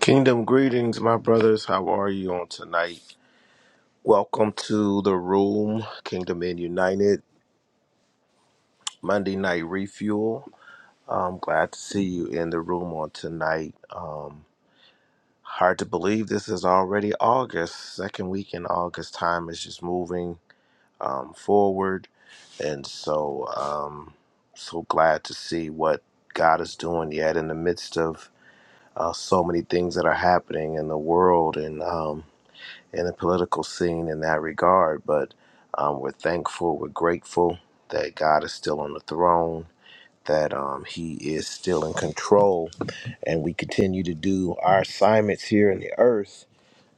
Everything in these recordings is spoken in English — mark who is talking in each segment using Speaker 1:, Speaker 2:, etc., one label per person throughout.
Speaker 1: Kingdom greetings, my brothers. How are you on tonight? Welcome to the room, Kingdom in United Monday Night Refuel. I'm glad to see you in the room on tonight. Um, hard to believe this is already August. Second week in August, time is just moving um, forward, and so um, so glad to see what God is doing yet in the midst of uh, so many things that are happening in the world and. Um, in the political scene in that regard, but um, we're thankful, we're grateful that God is still on the throne, that um, He is still in control, and we continue to do our assignments here in the earth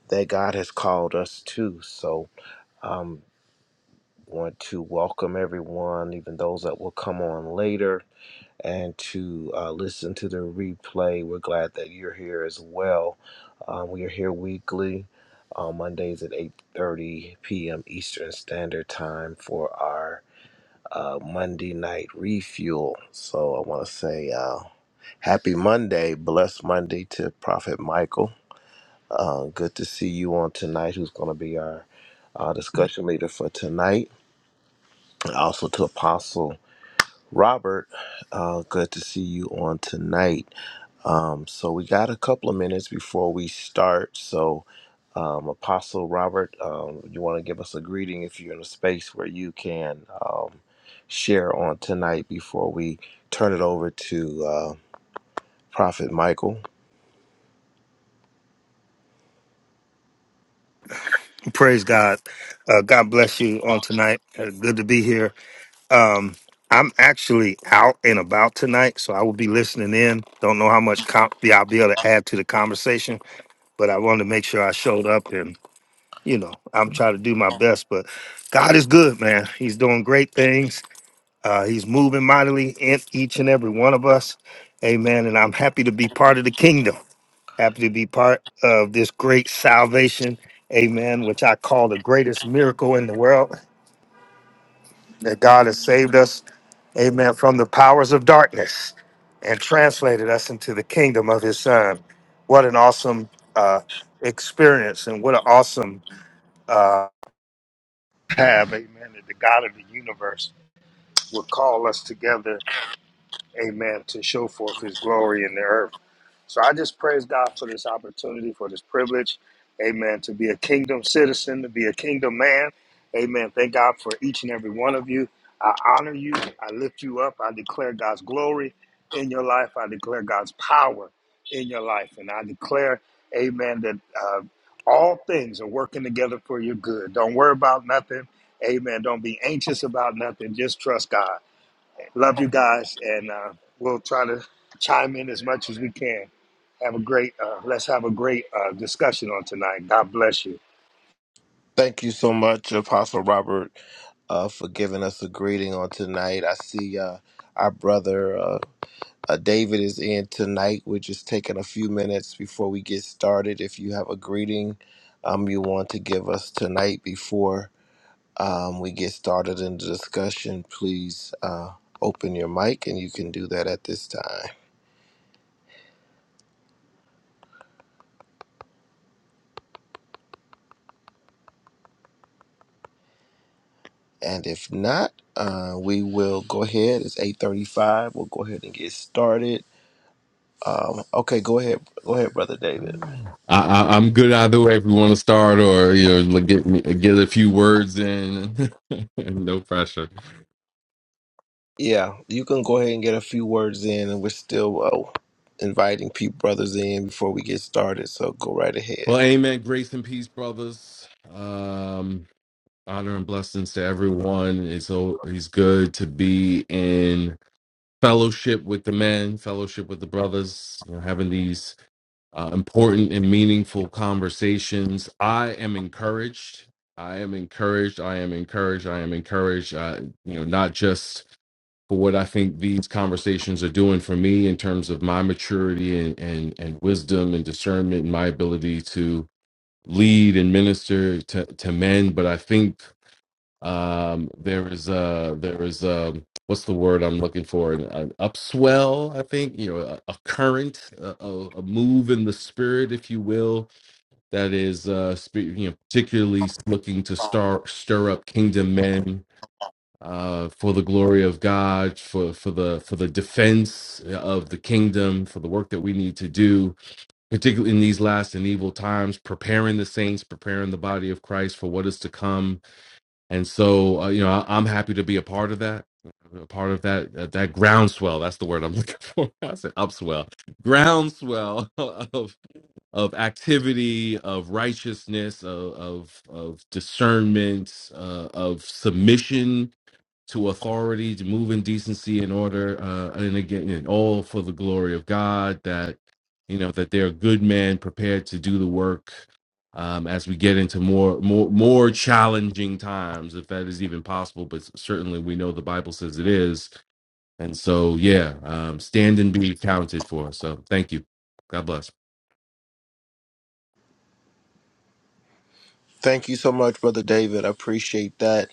Speaker 1: that God has called us to. So, um, want to welcome everyone, even those that will come on later and to uh, listen to the replay. We're glad that you're here as well. Um, we are here weekly on Mondays at 8:30 p.m. Eastern Standard Time for our uh, Monday night refuel. So I want to say uh, happy Monday, blessed Monday to Prophet Michael. Uh, good to see you on tonight. Who's going to be our uh, discussion leader for tonight? Also to Apostle Robert. Uh, good to see you on tonight. Um, so we got a couple of minutes before we start. So, um, Apostle Robert, um, you want to give us a greeting if you're in a space where you can um, share on tonight before we turn it over to uh, Prophet Michael.
Speaker 2: Praise God. Uh, God bless you on tonight. Uh, good to be here. Um, I'm actually out and about tonight, so I will be listening in. Don't know how much com- yeah, I'll be able to add to the conversation, but I wanted to make sure I showed up and, you know, I'm trying to do my best. But God is good, man. He's doing great things. Uh, he's moving mightily in each and every one of us. Amen. And I'm happy to be part of the kingdom. Happy to be part of this great salvation. Amen. Which I call the greatest miracle in the world that God has saved us. Amen. From the powers of darkness and translated us into the kingdom of his son. What an awesome uh, experience and what an awesome uh, have. Amen. That the God of the universe would call us together amen, to show forth his glory in the earth. So I just praise God for this opportunity, for this privilege, amen, to be a kingdom citizen, to be a kingdom man, amen. Thank God for each and every one of you. I honor you, I lift you up, I declare God's glory in your life, I declare God's power in your life, and I declare, amen, that uh, all things are working together for your good. Don't worry about nothing, amen. Don't be anxious about nothing, just trust God. Love you guys, and uh, we'll try to chime in as much as we can. Have a great. Uh, let's have a great uh, discussion on tonight. God bless you.
Speaker 1: Thank you so much, Apostle Robert, uh, for giving us a greeting on tonight. I see uh, our brother. Uh, Uh, David is in tonight. We're just taking a few minutes before we get started. If you have a greeting um, you want to give us tonight before um, we get started in the discussion, please uh, open your mic and you can do that at this time. And if not, uh, we will go ahead. It's 8.35. We'll go ahead and get started. Um, okay, go ahead. Go ahead, Brother David.
Speaker 3: I, I, I'm good either way. If you want to start, or you know, like, get me- get a few words in, no pressure.
Speaker 1: Yeah, you can go ahead and get a few words in, and we're still uh, inviting people brothers in before we get started. So go right ahead.
Speaker 3: Well, amen. Grace and peace, brothers. Um, honor and blessings to everyone. It's so it's good to be in fellowship with the men, fellowship with the brothers. You know, having these uh, important and meaningful conversations. I am encouraged. I am encouraged. I am encouraged. I am encouraged. Uh, you know, not just for what I think these conversations are doing for me in terms of my maturity and and, and wisdom and discernment and my ability to lead and minister to, to men. But I think um, there is a there is a what's the word I'm looking for an, an upswell. I think you know a, a current, a, a a move in the spirit, if you will, that is uh, spe- you know particularly looking to star, stir up kingdom men uh, for the glory of God, for for the for the defense of the kingdom, for the work that we need to do, particularly in these last and evil times, preparing the saints, preparing the body of Christ for what is to come. And so, uh, you know, I, I'm happy to be a part of that. A part of that uh, that groundswell that's the word i'm looking for i said upswell groundswell of of activity of righteousness of of, of discernment uh, of submission to authority, to move in decency and order, uh, and again, and all for the glory of God. That you know that they're good men prepared to do the work. Um, as we get into more, more, more challenging times, if that is even possible, but certainly we know the Bible says it is, and so yeah, um, stand and be counted for. So thank you. God bless.
Speaker 1: Thank you so much, brother David. I appreciate that.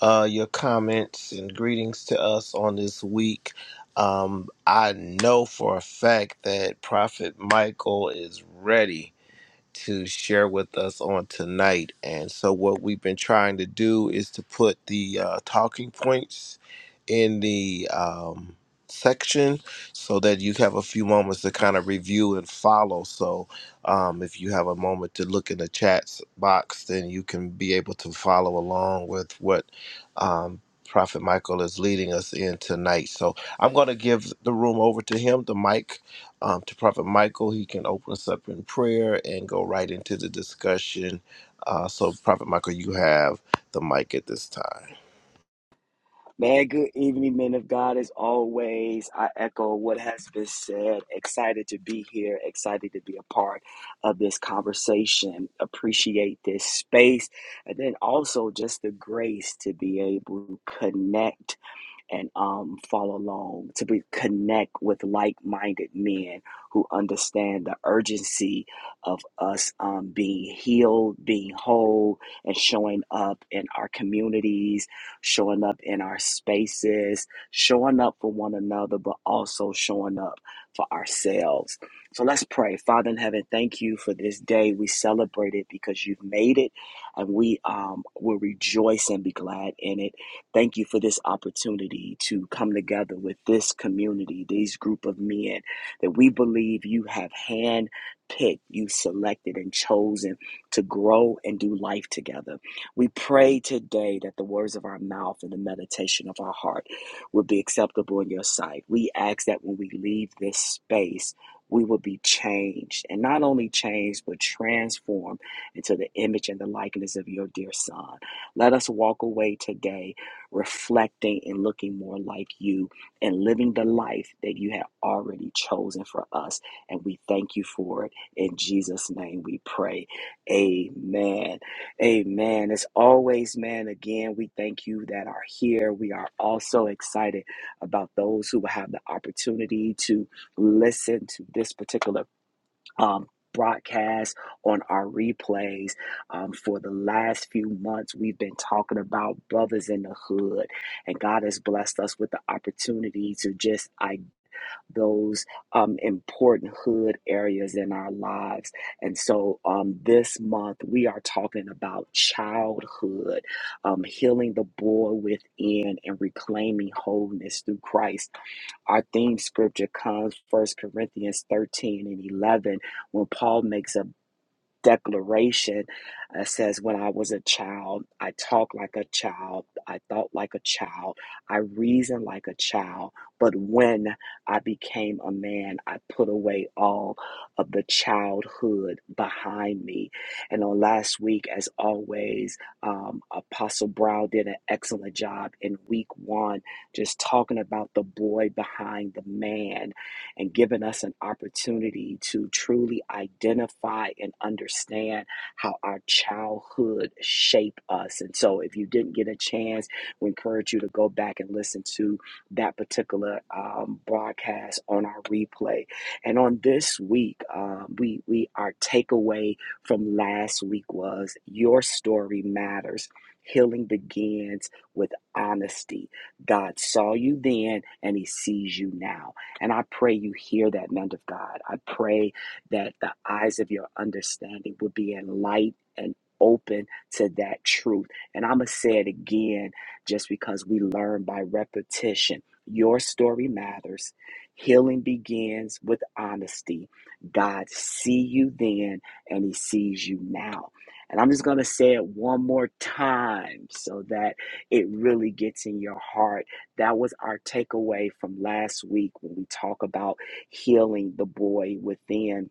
Speaker 1: Uh, your comments and greetings to us on this week. Um, I know for a fact that Prophet Michael is ready to share with us on tonight. And so, what we've been trying to do is to put the uh, talking points in the um, section so that you have a few moments to kind of review and follow. So, um, if you have a moment to look in the chat box, then you can be able to follow along with what um, Prophet Michael is leading us in tonight. So, I'm going to give the room over to him, the mic um, to Prophet Michael. He can open us up in prayer and go right into the discussion. Uh, so, Prophet Michael, you have the mic at this time.
Speaker 4: Man, good evening, men of God. As always, I echo what has been said. Excited to be here, excited to be a part of this conversation. Appreciate this space. And then also just the grace to be able to connect and um, follow along to be, connect with like-minded men who understand the urgency of us um, being healed being whole and showing up in our communities showing up in our spaces showing up for one another but also showing up for ourselves so let's pray father in heaven thank you for this day we celebrate it because you've made it and we um, will rejoice and be glad in it Thank you for this opportunity to come together with this community, these group of men that we believe you have hand picked, you selected and chosen to grow and do life together. We pray today that the words of our mouth and the meditation of our heart will be acceptable in your sight. We ask that when we leave this space, we will be changed and not only changed, but transformed into the image and the likeness of your dear son. Let us walk away today reflecting and looking more like you and living the life that you have already chosen for us. And we thank you for it. In Jesus' name we pray. Amen. Amen. As always, man, again, we thank you that are here. We are also excited about those who will have the opportunity to listen to this particular um, broadcast on our replays um, for the last few months we've been talking about brothers in the hood and god has blessed us with the opportunity to just i those um, important hood areas in our lives and so um, this month we are talking about childhood um, healing the boy within and reclaiming wholeness through christ our theme scripture comes First Corinthians 13 and 11 when Paul makes a declaration uh, says, When I was a child, I talked like a child, I thought like a child, I reasoned like a child. But when I became a man, I put away all of the childhood behind me. And on last week, as always, um, Apostle Brown did an excellent job in week one, just talking about the boy behind the man and given us an opportunity to truly identify and understand how our childhood shape us. And so if you didn't get a chance, we encourage you to go back and listen to that particular um, broadcast on our replay. And on this week, um, we, we our takeaway from last week was your story matters. Healing begins with honesty. God saw you then and he sees you now. And I pray you hear that, man of God. I pray that the eyes of your understanding would be enlightened and open to that truth. And I'm going to say it again just because we learn by repetition. Your story matters. Healing begins with honesty. God see you then and he sees you now. And I'm just going to say it one more time so that it really gets in your heart that was our takeaway from last week when we talk about healing the boy within,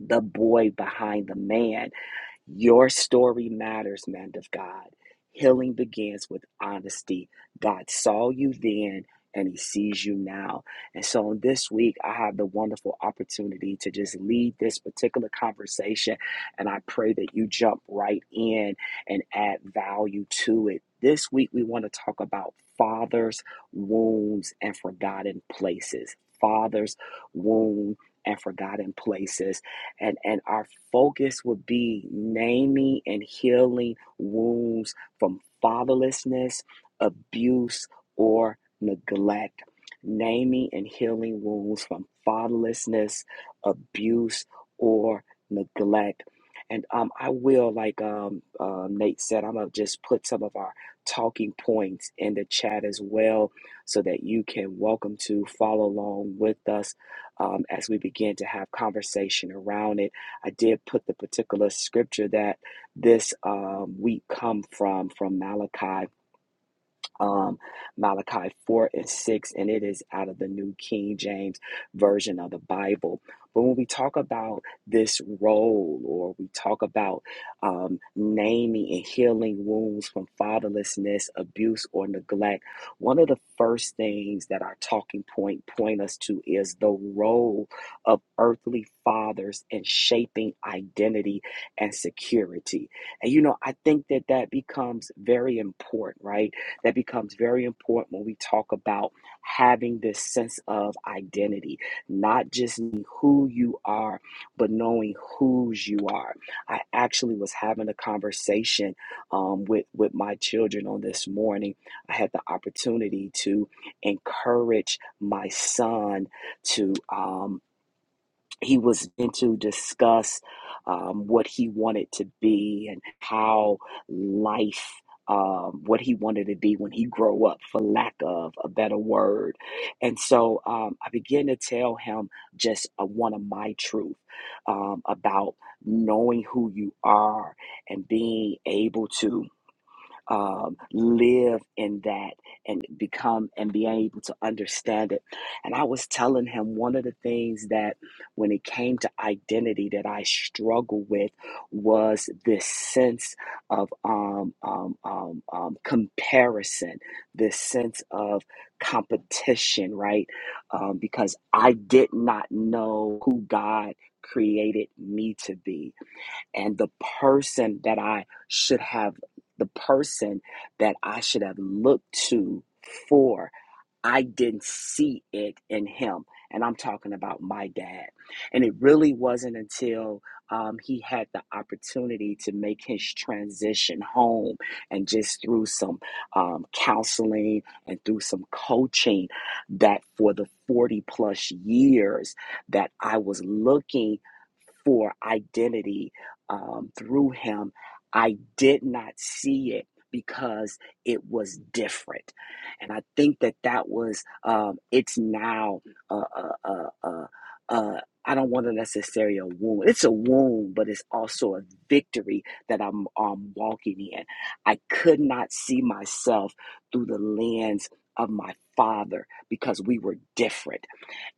Speaker 4: the boy behind the man. Your story matters, man of God. Healing begins with honesty. God saw you then and he sees you now. And so on this week, I have the wonderful opportunity to just lead this particular conversation. And I pray that you jump right in and add value to it. This week, we want to talk about fathers, wounds, and forgotten places. Fathers, wound, and forgotten places and and our focus would be naming and healing wounds from fatherlessness, abuse, or neglect. Naming and healing wounds from fatherlessness, abuse, or neglect. And um, I will, like um, uh, Nate said, I'm gonna just put some of our talking points in the chat as well, so that you can welcome to follow along with us um, as we begin to have conversation around it. I did put the particular scripture that this um, week come from, from Malachi um, Malachi 4 and 6, and it is out of the New King James Version of the Bible. But when we talk about this role, or we talk about um, naming and healing wounds from fatherlessness, abuse, or neglect, one of the first things that our talking point point us to is the role of earthly fathers in shaping identity and security. And you know, I think that that becomes very important, right? that becomes very important when we talk about having this sense of identity, not just knowing who you are, but knowing whose you are. I actually was having a conversation um, with, with my children on this morning. I had the opportunity to encourage my son to. Um, he was going to discuss um, what he wanted to be and how life um, what he wanted to be when he grow up for lack of a better word and so um, i began to tell him just uh, one of my truth um, about knowing who you are and being able to um, live in that and become and be able to understand it. And I was telling him one of the things that when it came to identity that I struggled with was this sense of um, um, um, um, comparison, this sense of competition, right? Um, because I did not know who God created me to be and the person that I should have, the person that I should have looked to for I didn't see it in him. And I'm talking about my dad. And it really wasn't until um, he had the opportunity to make his transition home and just through some um, counseling and through some coaching that for the 40 plus years that I was looking for identity um, through him, I did not see it because it was different and I think that that was um, it's now. Uh, uh, uh, uh, uh, I don't want to necessarily a wound. It's a wound, but it's also a victory that I'm um, walking in. I could not see myself through the lens of my father because we were different,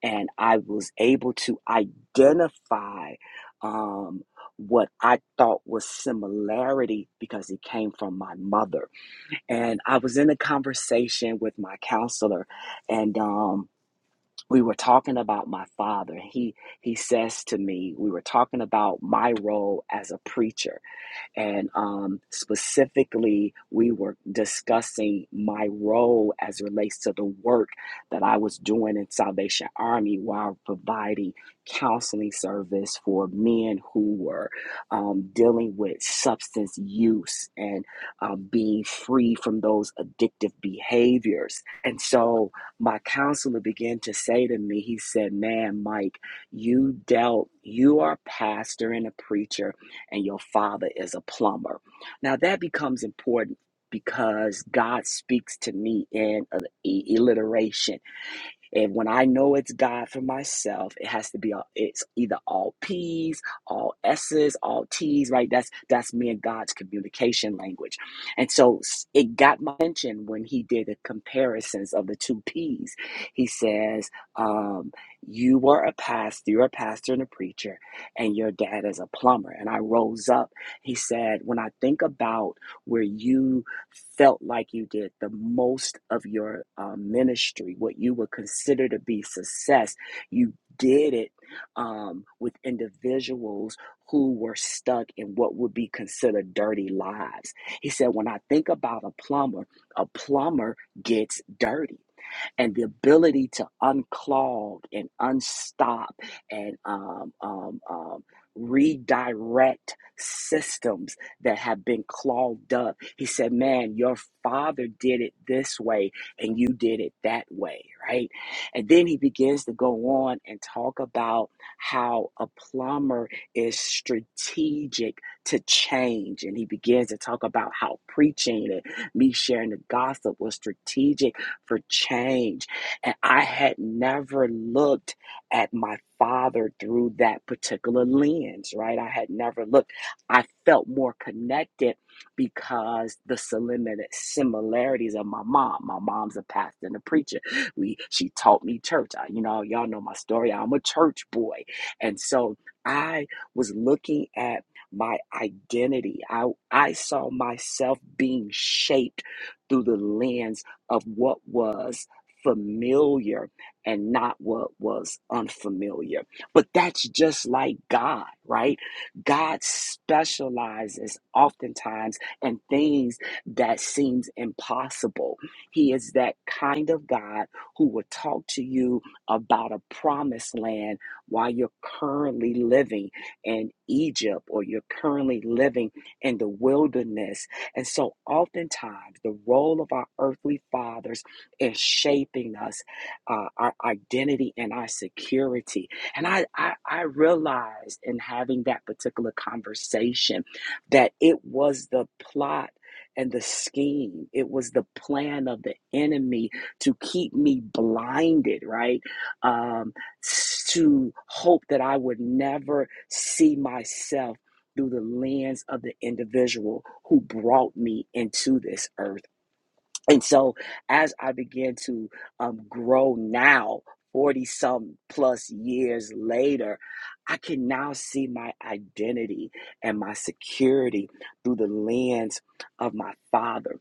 Speaker 4: and I was able to identify um, what I thought was similarity because it came from my mother and I was in a conversation with my counselor, and um, we were talking about my father. He he says to me, we were talking about my role as a preacher, and um, specifically, we were discussing my role as it relates to the work that I was doing in Salvation Army while providing counseling service for men who were um, dealing with substance use and um, being free from those addictive behaviors. And so my counselor began to say to me, he said, Man, Mike, you dealt, you are a pastor and a preacher and your father is a plumber. Now that becomes important because God speaks to me in a- e- alliteration. And when I know it's God for myself, it has to be all, it's either all P's, all S's, all T's, right? That's that's me and God's communication language. And so s- it got my attention when he did the comparisons of the two P's. He says, um, you were a pastor, you're a pastor and a preacher, and your dad is a plumber. And I rose up. He said, when I think about where you felt like you did the most of your uh, ministry, what you would consider to be success. You did it um, with individuals who were stuck in what would be considered dirty lives. He said, When I think about a plumber, a plumber gets dirty and the ability to unclog and unstop and um, um, um, redirect systems that have been clogged up. He said, Man, your father did it this way and you did it that way, right? And then he begins to go on and talk about how a plumber is strategic to change. And he begins to talk about how preaching and me sharing the gospel was strategic for change. And I had never looked at my father through that particular lens, right? I had never looked. I felt more connected because the similar- similarities of my mom. My mom's a pastor and a preacher. We she taught me church. I, you know, y'all know my story. I'm a church boy. And so I was looking at my identity. I I saw myself being shaped through the lens of what was familiar and not what was unfamiliar. But that's just like God, right? God specializes oftentimes in things that seems impossible. He is that kind of God who will talk to you about a promised land while you're currently living in Egypt or you're currently living in the wilderness and so, oftentimes, the role of our earthly fathers is shaping us, uh, our identity and our security. And I, I, I realized in having that particular conversation that it was the plot and the scheme, it was the plan of the enemy to keep me blinded, right? Um, to hope that I would never see myself through the lens of the individual who brought me into this earth. And so as I begin to um, grow now, 40 some plus years later, I can now see my identity and my security through the lens of my father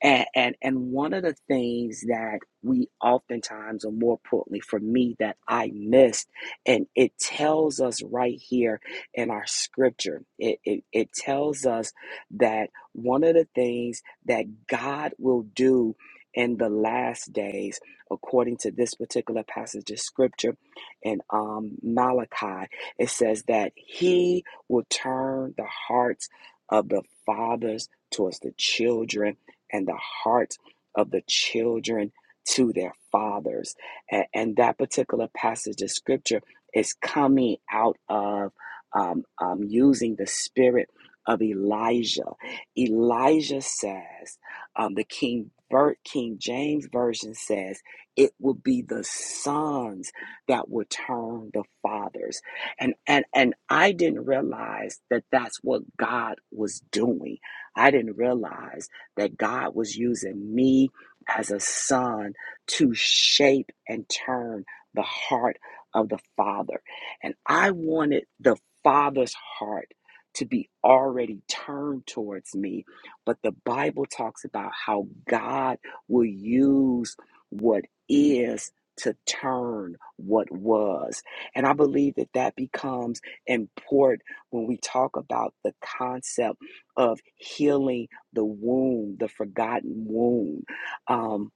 Speaker 4: and, and and one of the things that we oftentimes, or more importantly for me, that I missed, and it tells us right here in our scripture, it, it, it tells us that one of the things that God will do in the last days, according to this particular passage of scripture in um, Malachi, it says that He will turn the hearts of the fathers towards the children and the heart of the children to their fathers. A- And that particular passage of scripture is coming out of um, um, using the spirit of Elijah. Elijah says, um, the King, Ver- King James Version says, it will be the sons that will turn the fathers. And, and, and I didn't realize that that's what God was doing. I didn't realize that God was using me as a son to shape and turn the heart of the Father. And I wanted the Father's heart to be already turned towards me. But the Bible talks about how God will use what is to turn what was. And I believe that that becomes important when we talk about the concept of healing the wound, the forgotten wound. Um,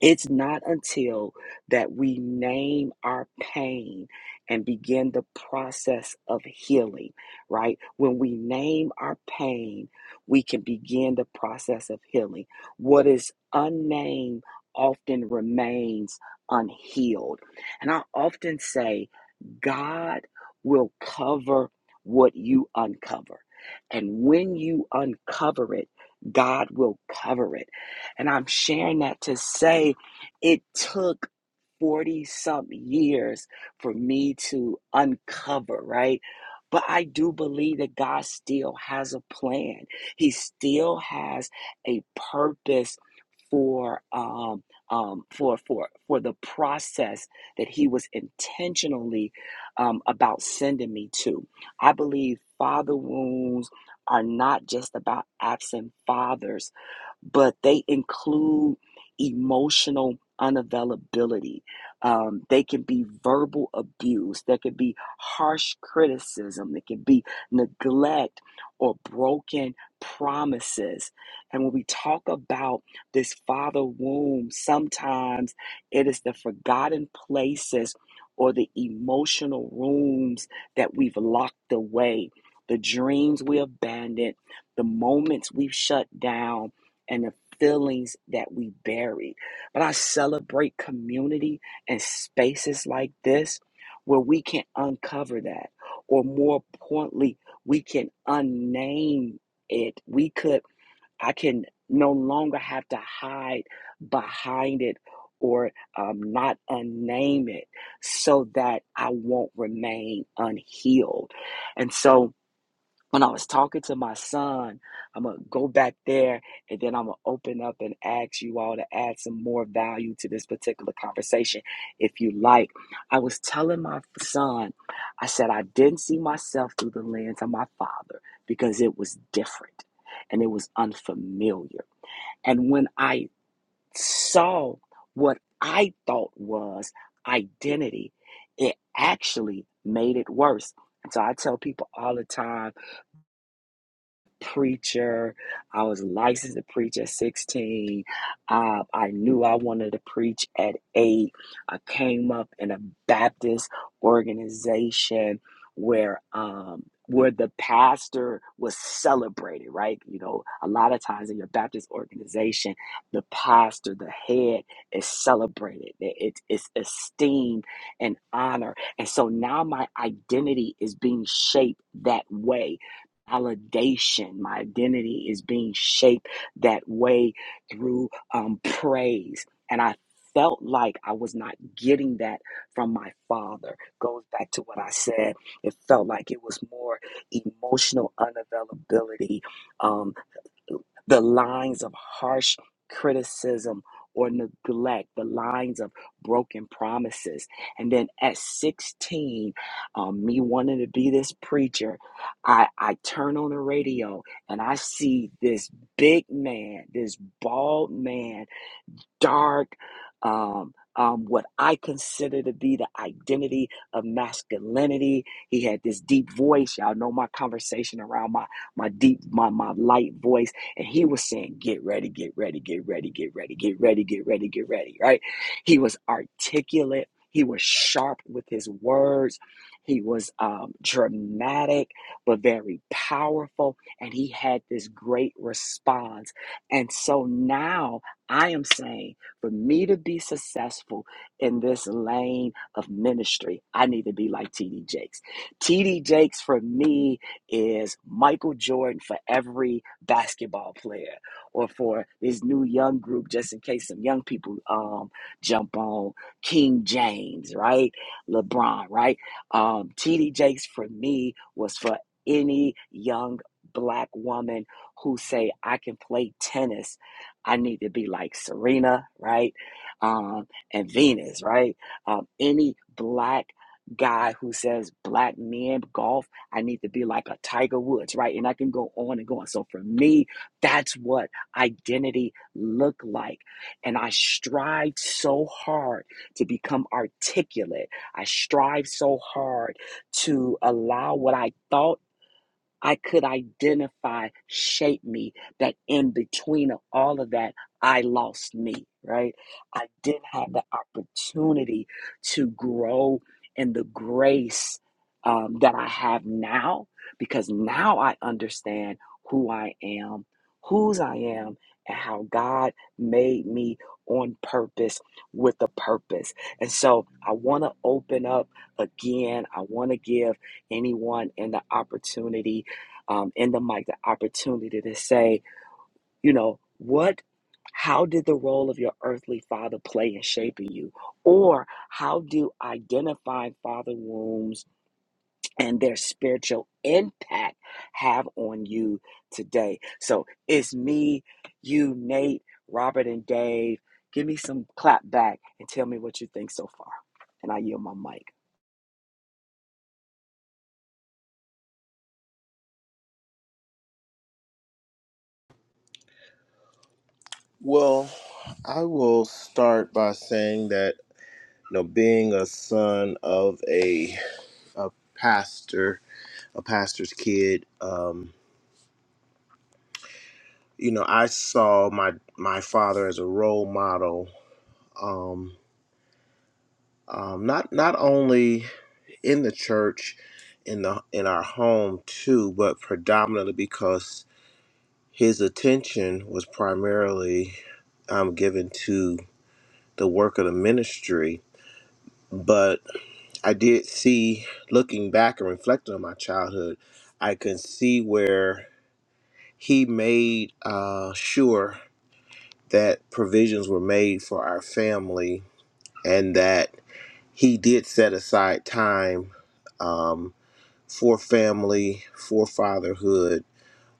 Speaker 4: it's not until that we name our pain and begin the process of healing, right? When we name our pain, we can begin the process of healing. What is unnamed often remains unhealed. And I often say, God will cover what you uncover. And when you uncover it, God will cover it. And I'm sharing that to say it took 40 some years for me to uncover, right? But I do believe that God still has a plan. He still has a purpose for um, um, for for for the process that He was intentionally um, about sending me to. I believe father wounds are not just about absent fathers but they include emotional unavailability. Um, they can be verbal abuse. There could be harsh criticism. There could be neglect or broken promises. And when we talk about this father womb, sometimes it is the forgotten places or the emotional rooms that we've locked away, the dreams we abandoned, the moments we've shut down and the feelings that we buried. But I celebrate community and spaces like this where we can uncover that, or more importantly, we can unname it. We could, I can no longer have to hide behind it or um, not unname it so that I won't remain unhealed. And so, when I was talking to my son, I'm gonna go back there and then I'm gonna open up and ask you all to add some more value to this particular conversation if you like. I was telling my son, I said, I didn't see myself through the lens of my father because it was different and it was unfamiliar. And when I saw what I thought was identity, it actually made it worse. And so I tell people all the time preacher. I was licensed to preach at 16. Uh, I knew I wanted to preach at 8. I came up in a Baptist organization where um, where the pastor was celebrated, right? You know, a lot of times in your Baptist organization, the pastor, the head is celebrated. It- it's esteemed and honor. And so now my identity is being shaped that way validation. My identity is being shaped that way through um, praise. And I felt like I was not getting that from my father. Goes back to what I said. It felt like it was more emotional unavailability. um, the lines of harsh criticism or neglect, the lines of broken promises. And then at 16, um, me wanting to be this preacher, I, I turn on the radio and I see this big man, this bald man dark, um, um, what I consider to be the identity of masculinity. He had this deep voice. Y'all know my conversation around my my deep my my light voice, and he was saying, "Get ready, get ready, get ready, get ready, get ready, get ready, get ready." Right? He was articulate. He was sharp with his words. He was um, dramatic, but very powerful, and he had this great response. And so now I am saying for me to be successful in this lane of ministry, I need to be like TD Jakes. TD Jakes for me is Michael Jordan for every basketball player or for this new young group, just in case some young people um, jump on King James, right? LeBron, right? Um, TD Jakes for me was for any young black woman who say I can play tennis I need to be like Serena, right? Um, and Venus, right? Um, any black guy who says black men golf, I need to be like a Tiger Woods, right? And I can go on and go on. So for me, that's what identity look like. And I strive so hard to become articulate. I strive so hard to allow what I thought I could identify, shape me, that in between of all of that, I lost me, right? I didn't have the opportunity to grow in the grace um, that I have now because now I understand who I am, whose I am, and how God made me on purpose with a purpose. And so I want to open up again. I want to give anyone in the opportunity um, in the mic the opportunity to say, you know, what, how did the role of your earthly father play in shaping you? Or how do identifying father wounds and their spiritual impact have on you today? So it's me, you, Nate, Robert, and Dave. Give me some clap back and tell me what you think so far. And I yield my mic.
Speaker 1: Well, I will start by saying that you know, being a son of a a pastor, a pastor's kid, um, you know, I saw my my father as a role model. Um, um, not not only in the church, in the in our home too, but predominantly because his attention was primarily um, given to the work of the ministry, but I did see, looking back and reflecting on my childhood, I can see where he made uh, sure that provisions were made for our family and that he did set aside time um, for family, for fatherhood.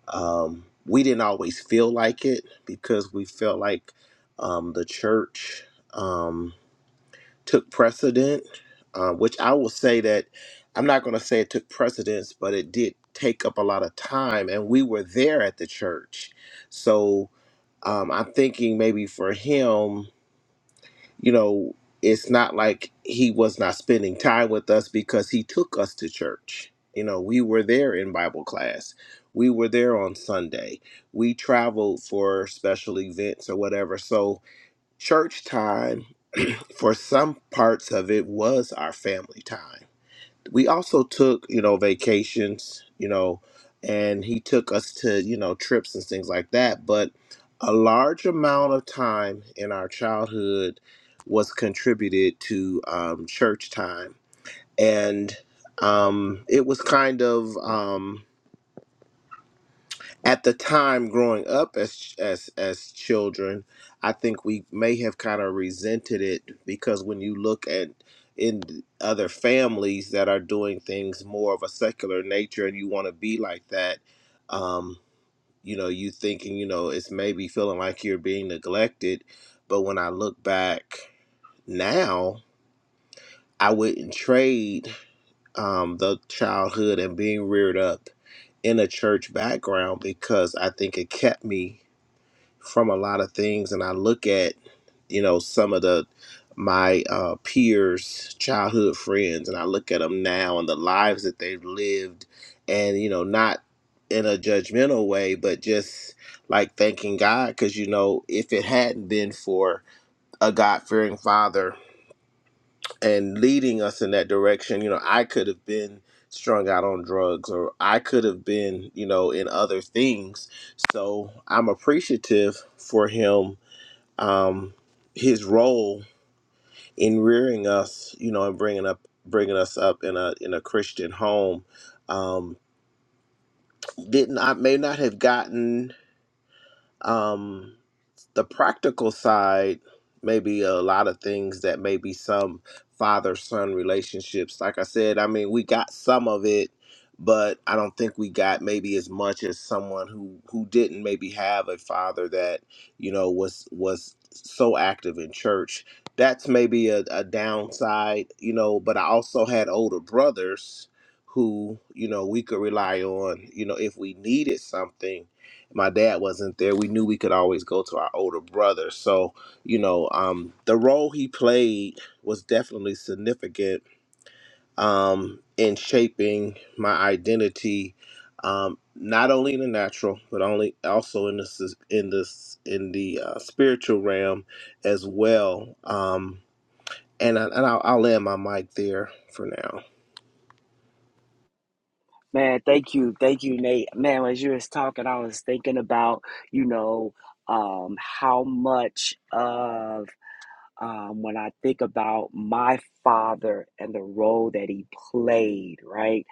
Speaker 1: Um, we didn't always feel like it because we felt like um, the church. Um, took precedent, uh, which I will say that I'm not going to say it took precedence, but it did take up a lot of time, and we were there at the church. So um, I'm thinking maybe for him, you know, it's not like he was not spending time with us because he took us to church. You know, we were there in Bible class. We were there on Sunday. We traveled for special events or whatever. So, church time for some parts of it was our family time. We also took, you know, vacations, you know, and he took us to, you know, trips and things like that. But a large amount of time in our childhood was contributed to um, church time. And um, it was kind of, um, at the time growing up as as as children i think we may have kind of resented it because when you look at in other families that are doing things more of a secular nature and you want to be like that um you know you thinking you know it's maybe feeling like you're being neglected but when i look back now i wouldn't trade um the childhood and being reared up in a church background because i think it kept me from a lot of things and I look at you know some of the my uh, peers childhood friends and I look at them now and the lives that they've lived and you know not in a judgmental way but just like thanking God because you know if it hadn't been for a God-fearing father and leading us in that direction you know I could have been strung out on drugs or I could have been you know in other things so I'm appreciative for him um, his role in rearing us, you know, and bringing up bringing us up in a in a Christian home, um, did not may not have gotten. Um, the practical side, maybe a lot of things that maybe some father son relationships. Like I said, I mean, we got some of it, but I don't think we got maybe as much as someone who who didn't maybe have a father that you know was was so active in church. That's maybe a, a downside, you know. But I also had older brothers who you know we could rely on, you know, if we needed something my dad wasn't there, we knew we could always go to our older brother. So, you know, um, the role he played was definitely significant um, in shaping my identity, um, not only in the natural, but only also in the s- in the s- in the uh, spiritual realm as well. Um, and I, and I'll, I'll land my mic there for now.
Speaker 4: Man, thank you. Thank you, Nate. Man, as you was talking, I was thinking about, you know, um, how much of um, when I think about my father and the role that he played, right?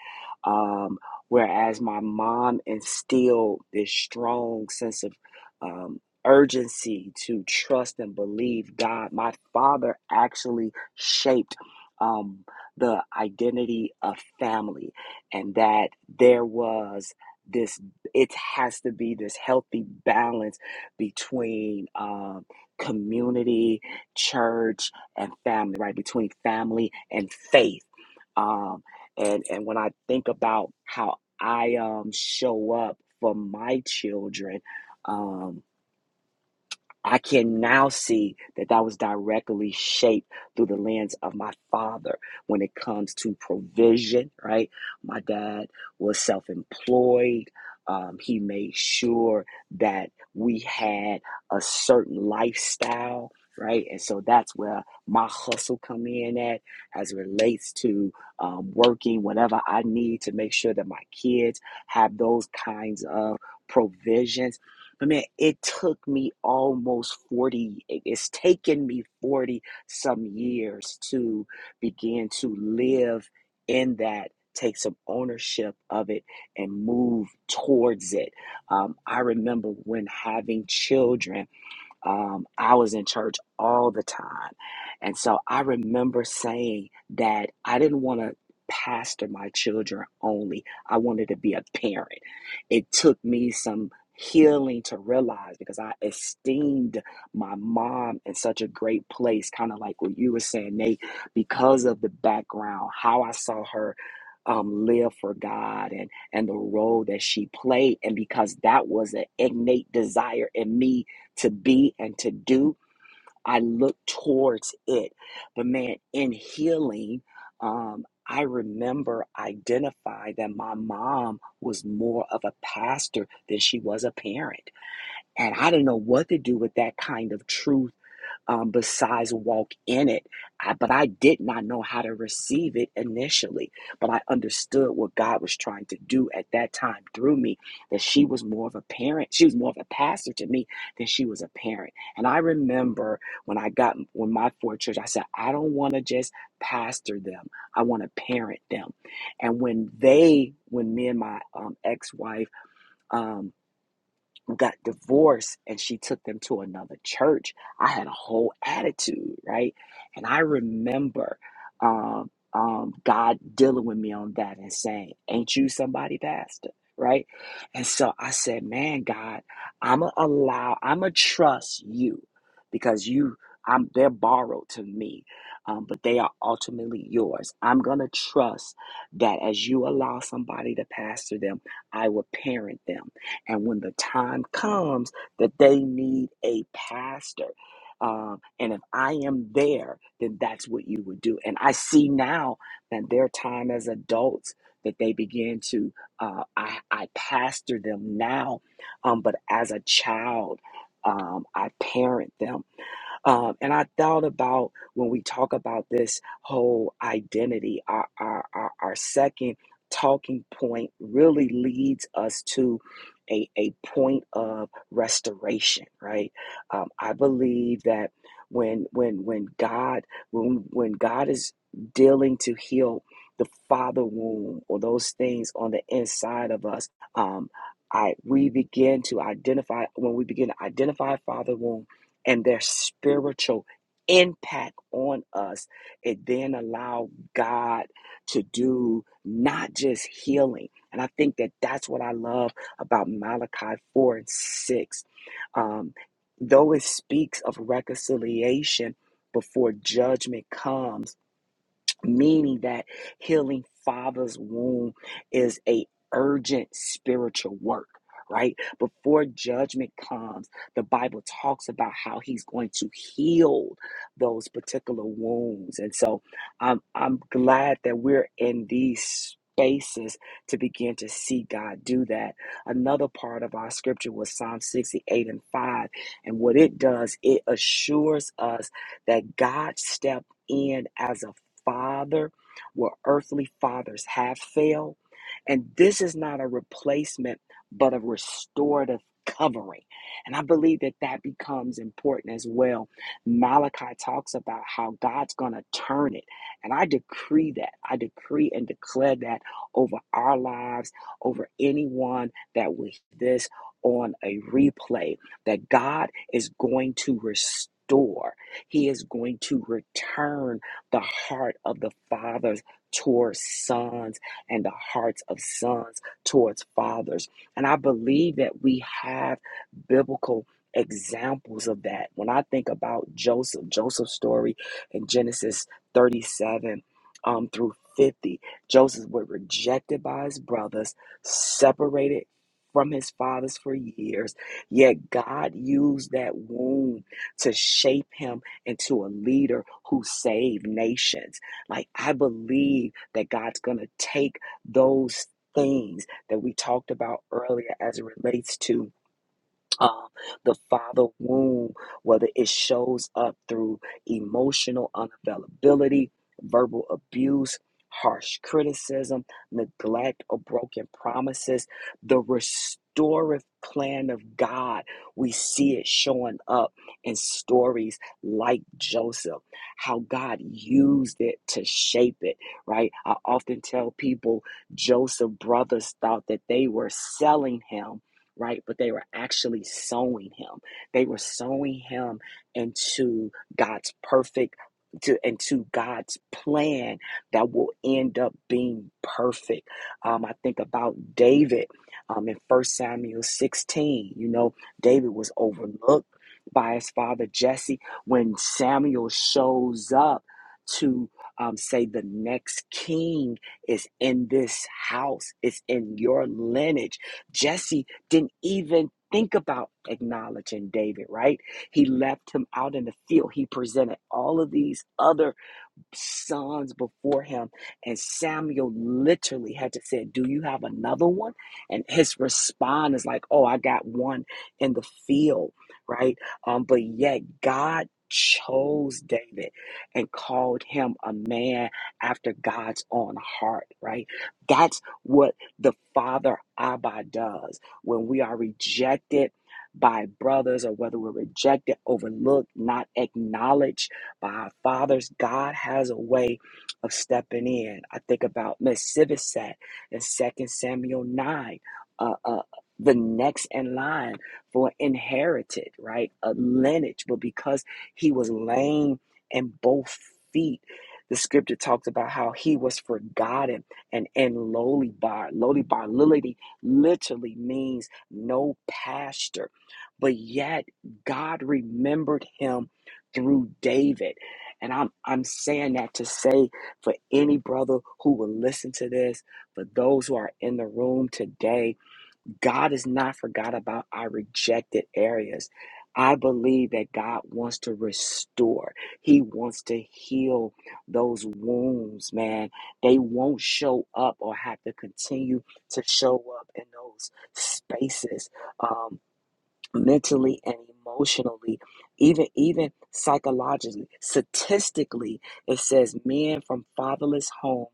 Speaker 4: Um, whereas my mom instilled this strong sense of um, urgency to trust and believe God, my father actually shaped um, the identity of family and that there was this it has to be this healthy balance between um, community church and family, right? Between family and faith. Um, and and when I think about how I um show up for my children, um, I can now see that that was directly shaped through the lens of my father when it comes to provision, right? My dad was self employed. Um, he made sure that we had a certain lifestyle, right? And so that's where my hustle come in at as it relates to um, working whatever I need to make sure that my kids have those kinds of provisions but man, it took me almost 40, it's taken me 40 some years to begin to live in that, take some ownership of it, and move towards it. Um, I remember when having children um, I was in church all the time. And so I remember saying that I didn't want to pastor my children only, I wanted to be a parent. It took me some healing to realize because I esteemed my mom in such a great place, kind of like what you were saying, Nate, because of the background, how I saw her. Um, live for God and and the role that she played, and because that was an innate desire in me to be and to do. I look towards it. But man, in healing, um, I remember identifying that my mom was more of a pastor than she was a parent. And I didn't know what to do with that kind of truth um, besides walk in it. I, but I did not know how to receive it initially. But I understood what God was trying to do at that time through me. That she was more of a parent. She was more of a pastor to me than she was a parent. And I remember when I got when my four church, I said, I don't want to just pastor them. I want to parent them. And when they, when me and my um, ex-wife, um, got divorced and she took them to another church. I had a whole attitude, right? And I remember um, um, God dealing with me on that and saying, Ain't you somebody, Pastor? Right? And so I said, Man, God, I'm going to allow, I'm going to trust you because you. I'm, they're borrowed to me, um, but they are ultimately yours. I'm going to trust that as you allow somebody to pastor them, I will parent them and when the time comes that they need a pastor, um, and if I am there, then that's what you would do. And I see now that their time as adults that they begin to, uh, I, I pastor them now, um, but as a child, um, I parent them um, and I thought about when we talk about this whole identity, our, our, our, our second talking point really leads us to a, a point of restoration, right? Um, I believe that when when when God when when God is dealing to heal the father wound or those things on the inside of us, um, I we begin to identify when we begin to identify father wound and their spiritual impact on us, it then allow God to do not just healing. And I think that that's what I love about Malachi 4 and 6. Um, though it speaks of reconciliation before judgment comes, meaning that healing father's womb is a urgent spiritual work right before judgment comes the bible talks about how he's going to heal those particular wounds and so i'm i'm glad that we're in these spaces to begin to see god do that another part of our scripture was psalm 68 and 5 and what it does it assures us that god stepped in as a father where earthly fathers have failed. And this is not a replacement, but a restorative covering. And I believe that that becomes important as well. Malachi talks about how God's going to turn it. And I decree that. I decree and declare that over our lives, over anyone that will hear this on a replay, that God is going to restore. He is going to return the heart of the fathers towards sons and the hearts of sons towards fathers. And I believe that we have biblical examples of that. When I think about Joseph, Joseph's story in Genesis 37 um, through 50, Joseph was rejected by his brothers, separated from his fathers for years, yet God used that wound to shape him into a leader who saved nations. Like, I believe that God's going to take those things that we talked about earlier as it relates to uh, the father wound, whether it shows up through emotional unavailability, verbal abuse, harsh criticism, neglect, or broken promises, the restorative plan of God, we see it showing up in stories like Joseph, how God used it to shape it, right? I often tell people Joseph's brothers thought that they were selling him right? But they were actually sowing him. They were sowing him into God's perfect to into God's plan that will end up being perfect. Um, I think about David um, in First Samuel 16. You know, David was overlooked by his father Jesse when Samuel shows up to um, say the next king is in this house, it's in your lineage. Jesse didn't even think about acknowledging David, right? He left him out in the field. He presented all of these other sons before him, and Samuel literally had to say, "Do you have another one?" And his response is like, "Oh, I got one in the field, right?" Um, but yet God chose David and called him a man after God's own heart, right? That's what the father Abba does when we are rejected by brothers or whether we're rejected, overlooked, not acknowledged by fathers, God has a way of stepping in. I think about Miss Sivisat in Second Samuel 9. Uh, uh, the next in line for inherited, right? A lineage, but because he was lame in both feet, the scripture talks about how he was forgotten and and lowly bar. Lowly bar literally, literally means no pasture. But yet God remembered him through David. And I'm I'm saying that to say for any brother who will listen to this, for those who are in the room today, God has not forgot about our rejected areas. I believe that God wants to restore. He wants to heal those wounds, man. They won't show up or have to continue to show up in those spaces. Um, mentally and emotionally even even psychologically statistically it says men from fatherless homes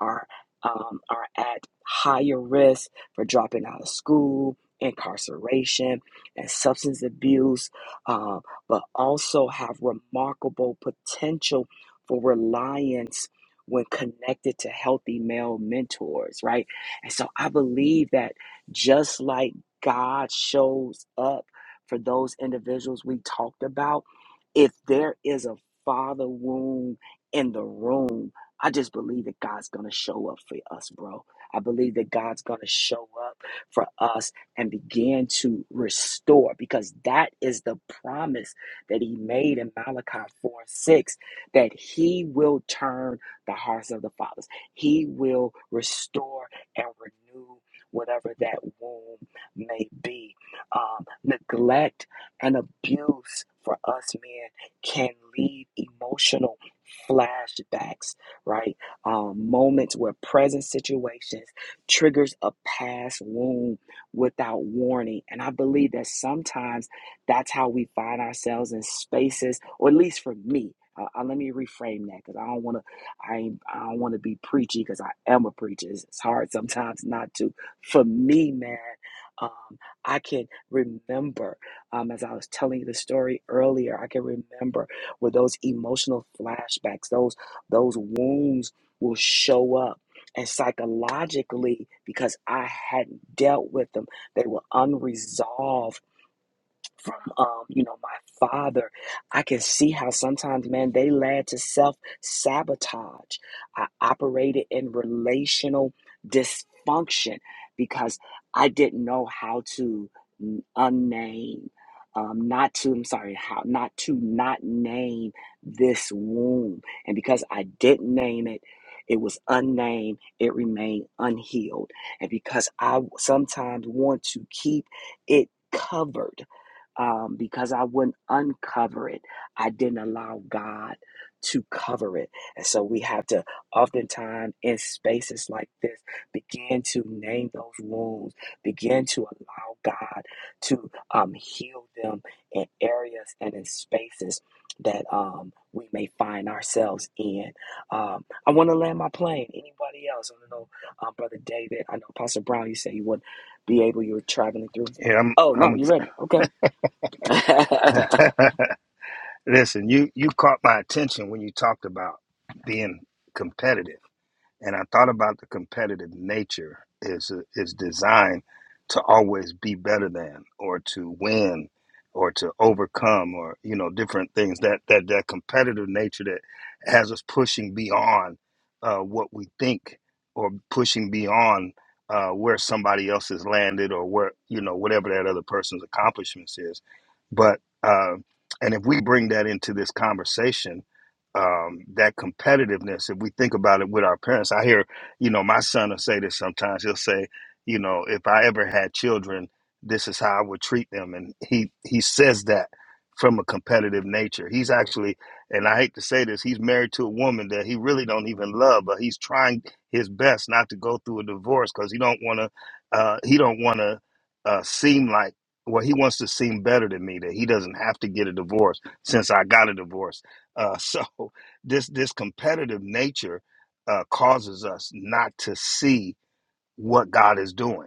Speaker 4: are um, are at higher risk for dropping out of school incarceration and substance abuse uh, but also have remarkable potential for reliance when connected to healthy male mentors right and so i believe that just like God shows up for those individuals we talked about. If there is a father wound in the room, I just believe that God's going to show up for us, bro. I believe that God's going to show up for us and begin to restore because that is the promise that he made in Malachi 4 6 that he will turn the hearts of the fathers, he will restore and renew whatever that wound may be. Um, neglect and abuse for us men can leave emotional flashbacks, right? Um, moments where present situations triggers a past wound without warning. And I believe that sometimes that's how we find ourselves in spaces, or at least for me. Uh, uh, let me reframe that because I don't want to. I ain't, I don't want to be preachy because I am a preacher. It's, it's hard sometimes not to. For me, man, um, I can remember, um, as I was telling you the story earlier, I can remember where those emotional flashbacks, those those wounds will show up. And psychologically, because I hadn't dealt with them, they were unresolved from um, you know my father i can see how sometimes man they led to self-sabotage i operated in relational dysfunction because i didn't know how to n- unname um, not to i'm sorry how not to not name this wound and because i didn't name it it was unnamed it remained unhealed and because i sometimes want to keep it covered um, because I wouldn't uncover it. I didn't allow God to cover it. And so we have to, oftentimes, in spaces like this, begin to name those wounds, begin to allow God to um, heal them in areas and in spaces that um, we may find ourselves in. Um, I want to land my plane. Anybody else? I don't know, um, Brother David. I know Pastor Brown, you said you wouldn't be able, you were traveling through.
Speaker 2: Yeah, I'm.
Speaker 4: Oh, no, you ready? Okay.
Speaker 2: I'm. Listen, you you caught my attention when you talked about being competitive. and I thought about the competitive nature is is designed to always be better than or to win or to overcome or you know different things that that that competitive nature that has us pushing beyond uh, what we think or pushing beyond uh, where somebody else has landed or where you know whatever that other person's accomplishments is but uh, and if we bring that into this conversation, um, that competitiveness, if we think about it with our parents, I hear, you know, my son will say this sometimes. He'll say, you know, if I ever had children, this is how I would treat them, and he he says that from a competitive nature. He's actually, and I hate to say this, he's married to a woman that he really don't even love, but he's trying his best not to go through a divorce because he don't want to. Uh, he don't want to uh, seem like well, he wants to seem better than me that he doesn't have to get a divorce since I got a divorce. Uh, so this this competitive nature uh, causes us not to see what God is doing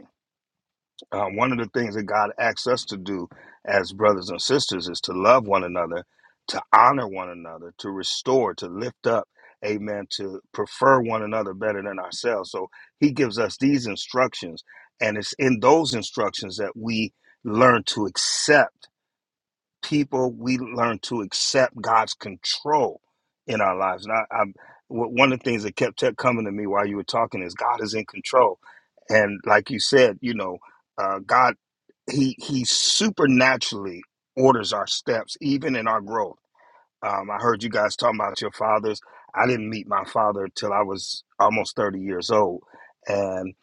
Speaker 2: uh, one of the things that God asks us to do as brothers and sisters is to love one another, to honor one another, to restore, to lift up, amen, to prefer one another better than ourselves. So he gives us these instructions, and it's in those instructions that we learn to accept people, we learn to accept God's control in our lives. And I, I'm, w- one of the things that kept kept coming to me while you were talking is God is in control. And like you said, you know, uh, God he he supernaturally orders our steps, even in our growth. Um, I heard you guys talking about your fathers. I didn't meet my father till I was almost 30 years old. And,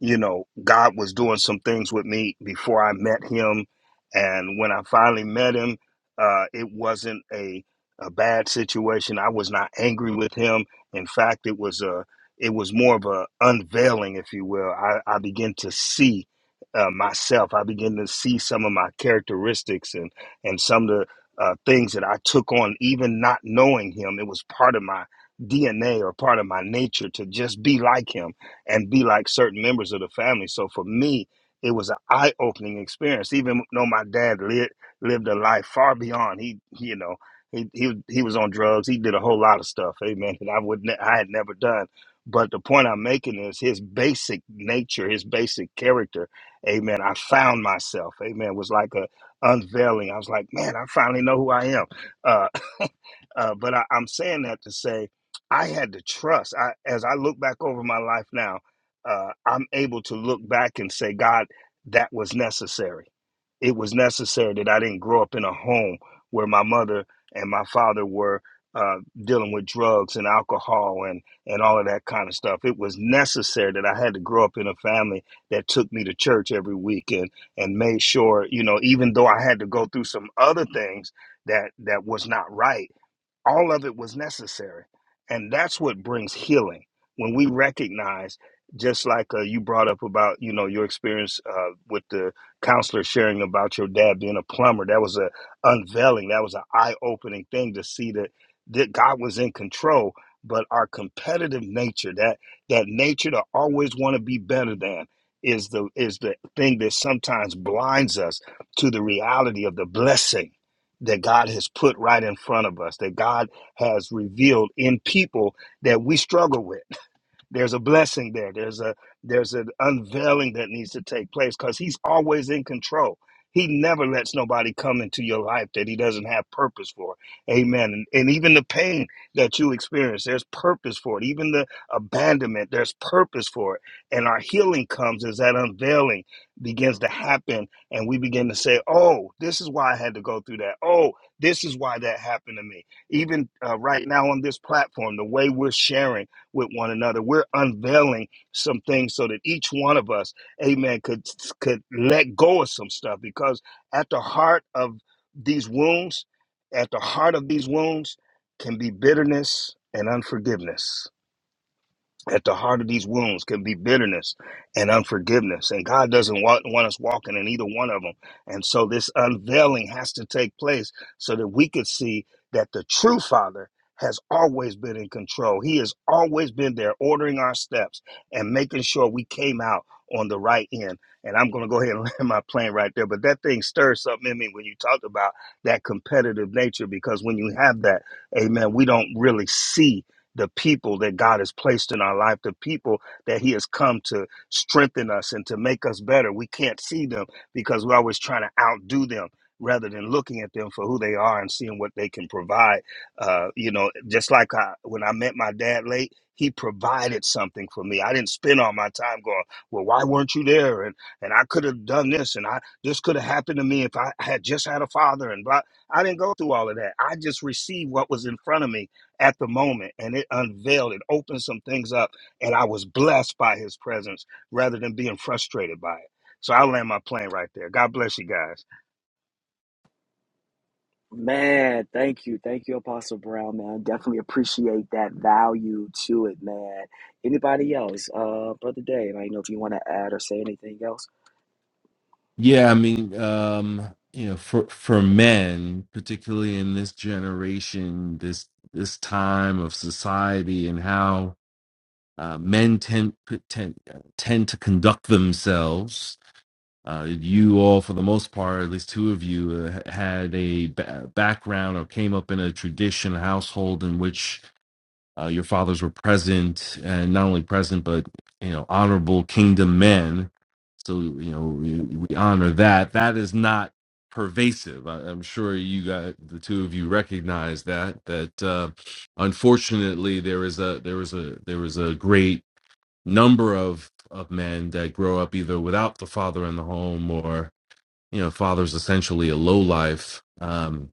Speaker 2: you know, God was doing some things with me before I met him. And when I finally met him, uh, it wasn't a, a bad situation. I was not angry with him. In fact, it was a it was more of a unveiling, if you will. I, I began to see uh, myself. I began to see some of my characteristics and and some of the uh, things that I took on, even not knowing him. It was part of my DNA or part of my nature to just be like him and be like certain members of the family. So for me, it was an eye-opening experience. Even though my dad lived lived a life far beyond he, he, you know, he he he was on drugs. He did a whole lot of stuff, amen. That I would ne- I had never done. But the point I'm making is his basic nature, his basic character, amen. I found myself, amen. was like a unveiling. I was like, man, I finally know who I am. Uh, uh, but I, I'm saying that to say I had to trust. I, as I look back over my life now, uh, I'm able to look back and say, God, that was necessary it was necessary that I didn't grow up in a home where my mother and my father were uh, dealing with drugs and alcohol and and all of that kind of stuff. It was necessary that I had to grow up in a family that took me to church every weekend and made sure, you know, even though I had to go through some other things that that was not right, all of it was necessary and that's what brings healing when we recognize just like uh, you brought up about you know your experience uh, with the counselor sharing about your dad being a plumber that was a unveiling that was an eye-opening thing to see that that god was in control but our competitive nature that that nature to always want to be better than is the is the thing that sometimes blinds us to the reality of the blessing that God has put right in front of us, that God has revealed in people that we struggle with. There's a blessing there. There's a there's an unveiling that needs to take place because he's always in control. He never lets nobody come into your life that he doesn't have purpose for. Amen. And, and even the pain that you experience, there's purpose for it. Even the abandonment, there's purpose for it. And our healing comes as that unveiling begins to happen. And we begin to say, oh, this is why I had to go through that. Oh, this is why that happened to me even uh, right now on this platform, the way we're sharing with one another. We're unveiling some things so that each one of us, amen, could could let go of some stuff because at the heart of these wounds, at the heart of these wounds can be bitterness and unforgiveness at the heart of these wounds can be bitterness and unforgiveness. And God doesn't want, want us walking in either one of them. And so this unveiling has to take place so that we could see that the true Father has always been in control. He has always been there ordering our steps and making sure we came out on the right end. And I'm going to go ahead and land my plane right there. But that thing stirs something in me when you talk about that competitive nature, because when you have that, amen, we don't really see the people that God has placed in our life, the people that He has come to strengthen us and to make us better. We can't see them because we're always trying to outdo them rather than looking at them for who they are and seeing what they can provide. Uh, you know, just like I, when I met my dad late, he provided something for me. I didn't spend all my time going, well, why weren't you there? And and I could have done this, and I this could have happened to me if I had just had a father. And blah. I didn't go through all of that. I just received what was in front of me at the moment and it unveiled, it opened some things up, and I was blessed by his presence rather than being frustrated by it. So I land my plane right there. God bless you guys.
Speaker 4: Man, thank you. Thank you, Apostle Brown, man. Definitely appreciate that value to it, man. Anybody else? Uh, Brother Dave, I don't know if you want to add or say anything else.
Speaker 3: Yeah, I mean, um, you know, for for men, particularly in this generation, this this time of society, and how uh, men tend tend uh, tend to conduct themselves. Uh, you all, for the most part, at least two of you, uh, had a ba- background or came up in a tradition, a household in which uh, your fathers were present, and not only present, but you know, honorable kingdom men. So you know, we, we honor that. That is not pervasive. I, I'm sure you got the two of you recognize that. That uh, unfortunately, there is a there is a there is a great number of of men that grow up either without the father in the home or you know, father's essentially a low life. Um,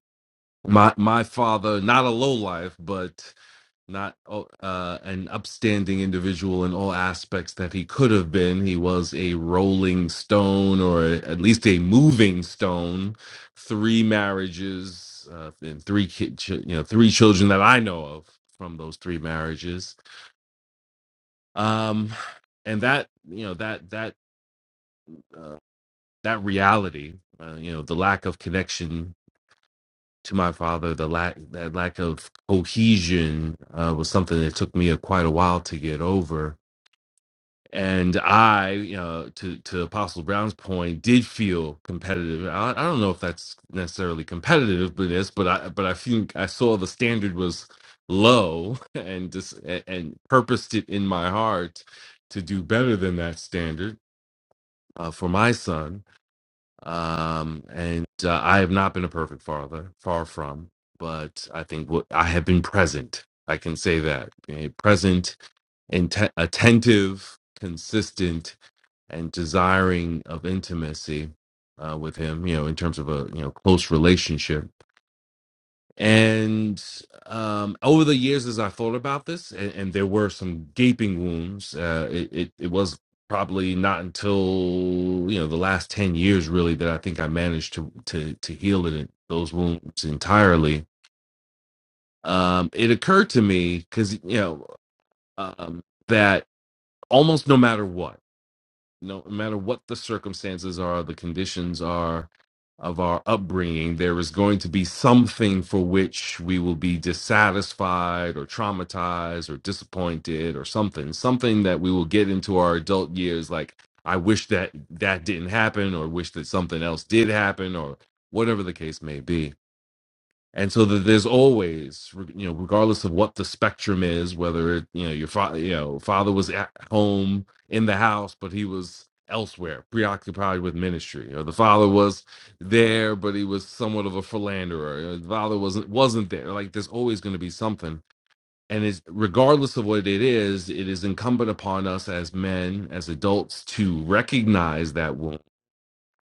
Speaker 3: my my father, not a low life, but not oh, uh, an upstanding individual in all aspects that he could have been. He was a rolling stone, or at least a moving stone. Three marriages uh, and three kid, chi- you know, three children that I know of from those three marriages. Um, and that you know that that uh, that reality, uh, you know, the lack of connection to my father, the lack that lack of cohesion uh, was something that took me a, quite a while to get over and I, you know, to to Apostle Brown's point, did feel competitive. I, I don't know if that's necessarily competitive, but it's but I but I think I saw the standard was low and just and, and purposed it in my heart to do better than that standard uh, for my son. Um, and uh, I have not been a perfect father, far from, but I think what I have been present. I can say that Eh, present, inte- attentive, consistent, and desiring of intimacy uh, with him, you know, in terms of a you know close relationship. And um, over the years, as I thought about this, and, and there were some gaping wounds. Uh, it, it it was probably not until you know the last ten years really that I think I managed to to to heal it, those wounds entirely. Um, it occurred to me because you know um, that almost no matter what. no matter what the circumstances are, the conditions are of our upbringing, there is going to be something for which we will be dissatisfied or traumatized or disappointed or something, something that we will get into our adult years like, I wish that that didn't happen or wish that something else did happen or whatever the case may be and so that there's always re- you know regardless of what the spectrum is whether it you know your father you know father was at home in the house but he was elsewhere preoccupied with ministry or the father was there but he was somewhat of a philanderer or the father wasn't wasn't there like there's always going to be something and it's regardless of what it is it is incumbent upon us as men as adults to recognize that wound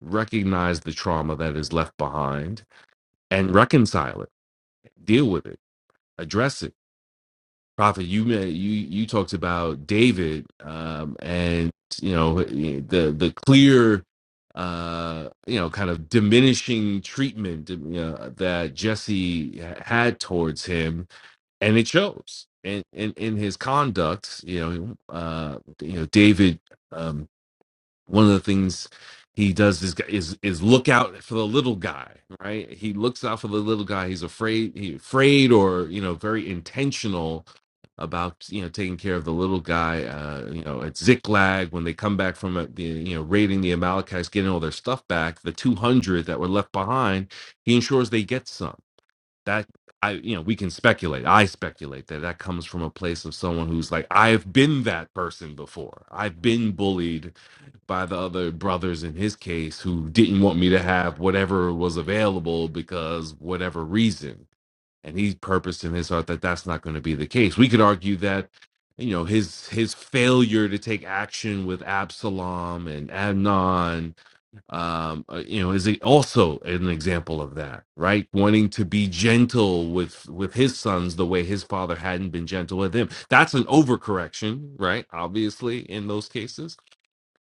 Speaker 3: recognize the trauma that is left behind and reconcile it deal with it address it. Prophet, you ma- you you talked about David, um, and you know the the clear, uh, you know, kind of diminishing treatment uh, you know, that Jesse had towards him, and it shows in in, in his conduct. You know, uh, you know, David. Um, one of the things he does is is is look out for the little guy right he looks out for the little guy he's afraid he afraid or you know very intentional about you know taking care of the little guy uh you know at ziklag when they come back from uh, the you know raiding the amalekites getting all their stuff back the 200 that were left behind he ensures they get some that i you know we can speculate i speculate that that comes from a place of someone who's like i've been that person before i've been bullied by the other brothers in his case who didn't want me to have whatever was available because whatever reason and he purposed in his heart that that's not going to be the case we could argue that you know his his failure to take action with absalom and adnan um uh, you know is a- also an example of that right wanting to be gentle with with his sons the way his father hadn't been gentle with him that's an overcorrection right obviously in those cases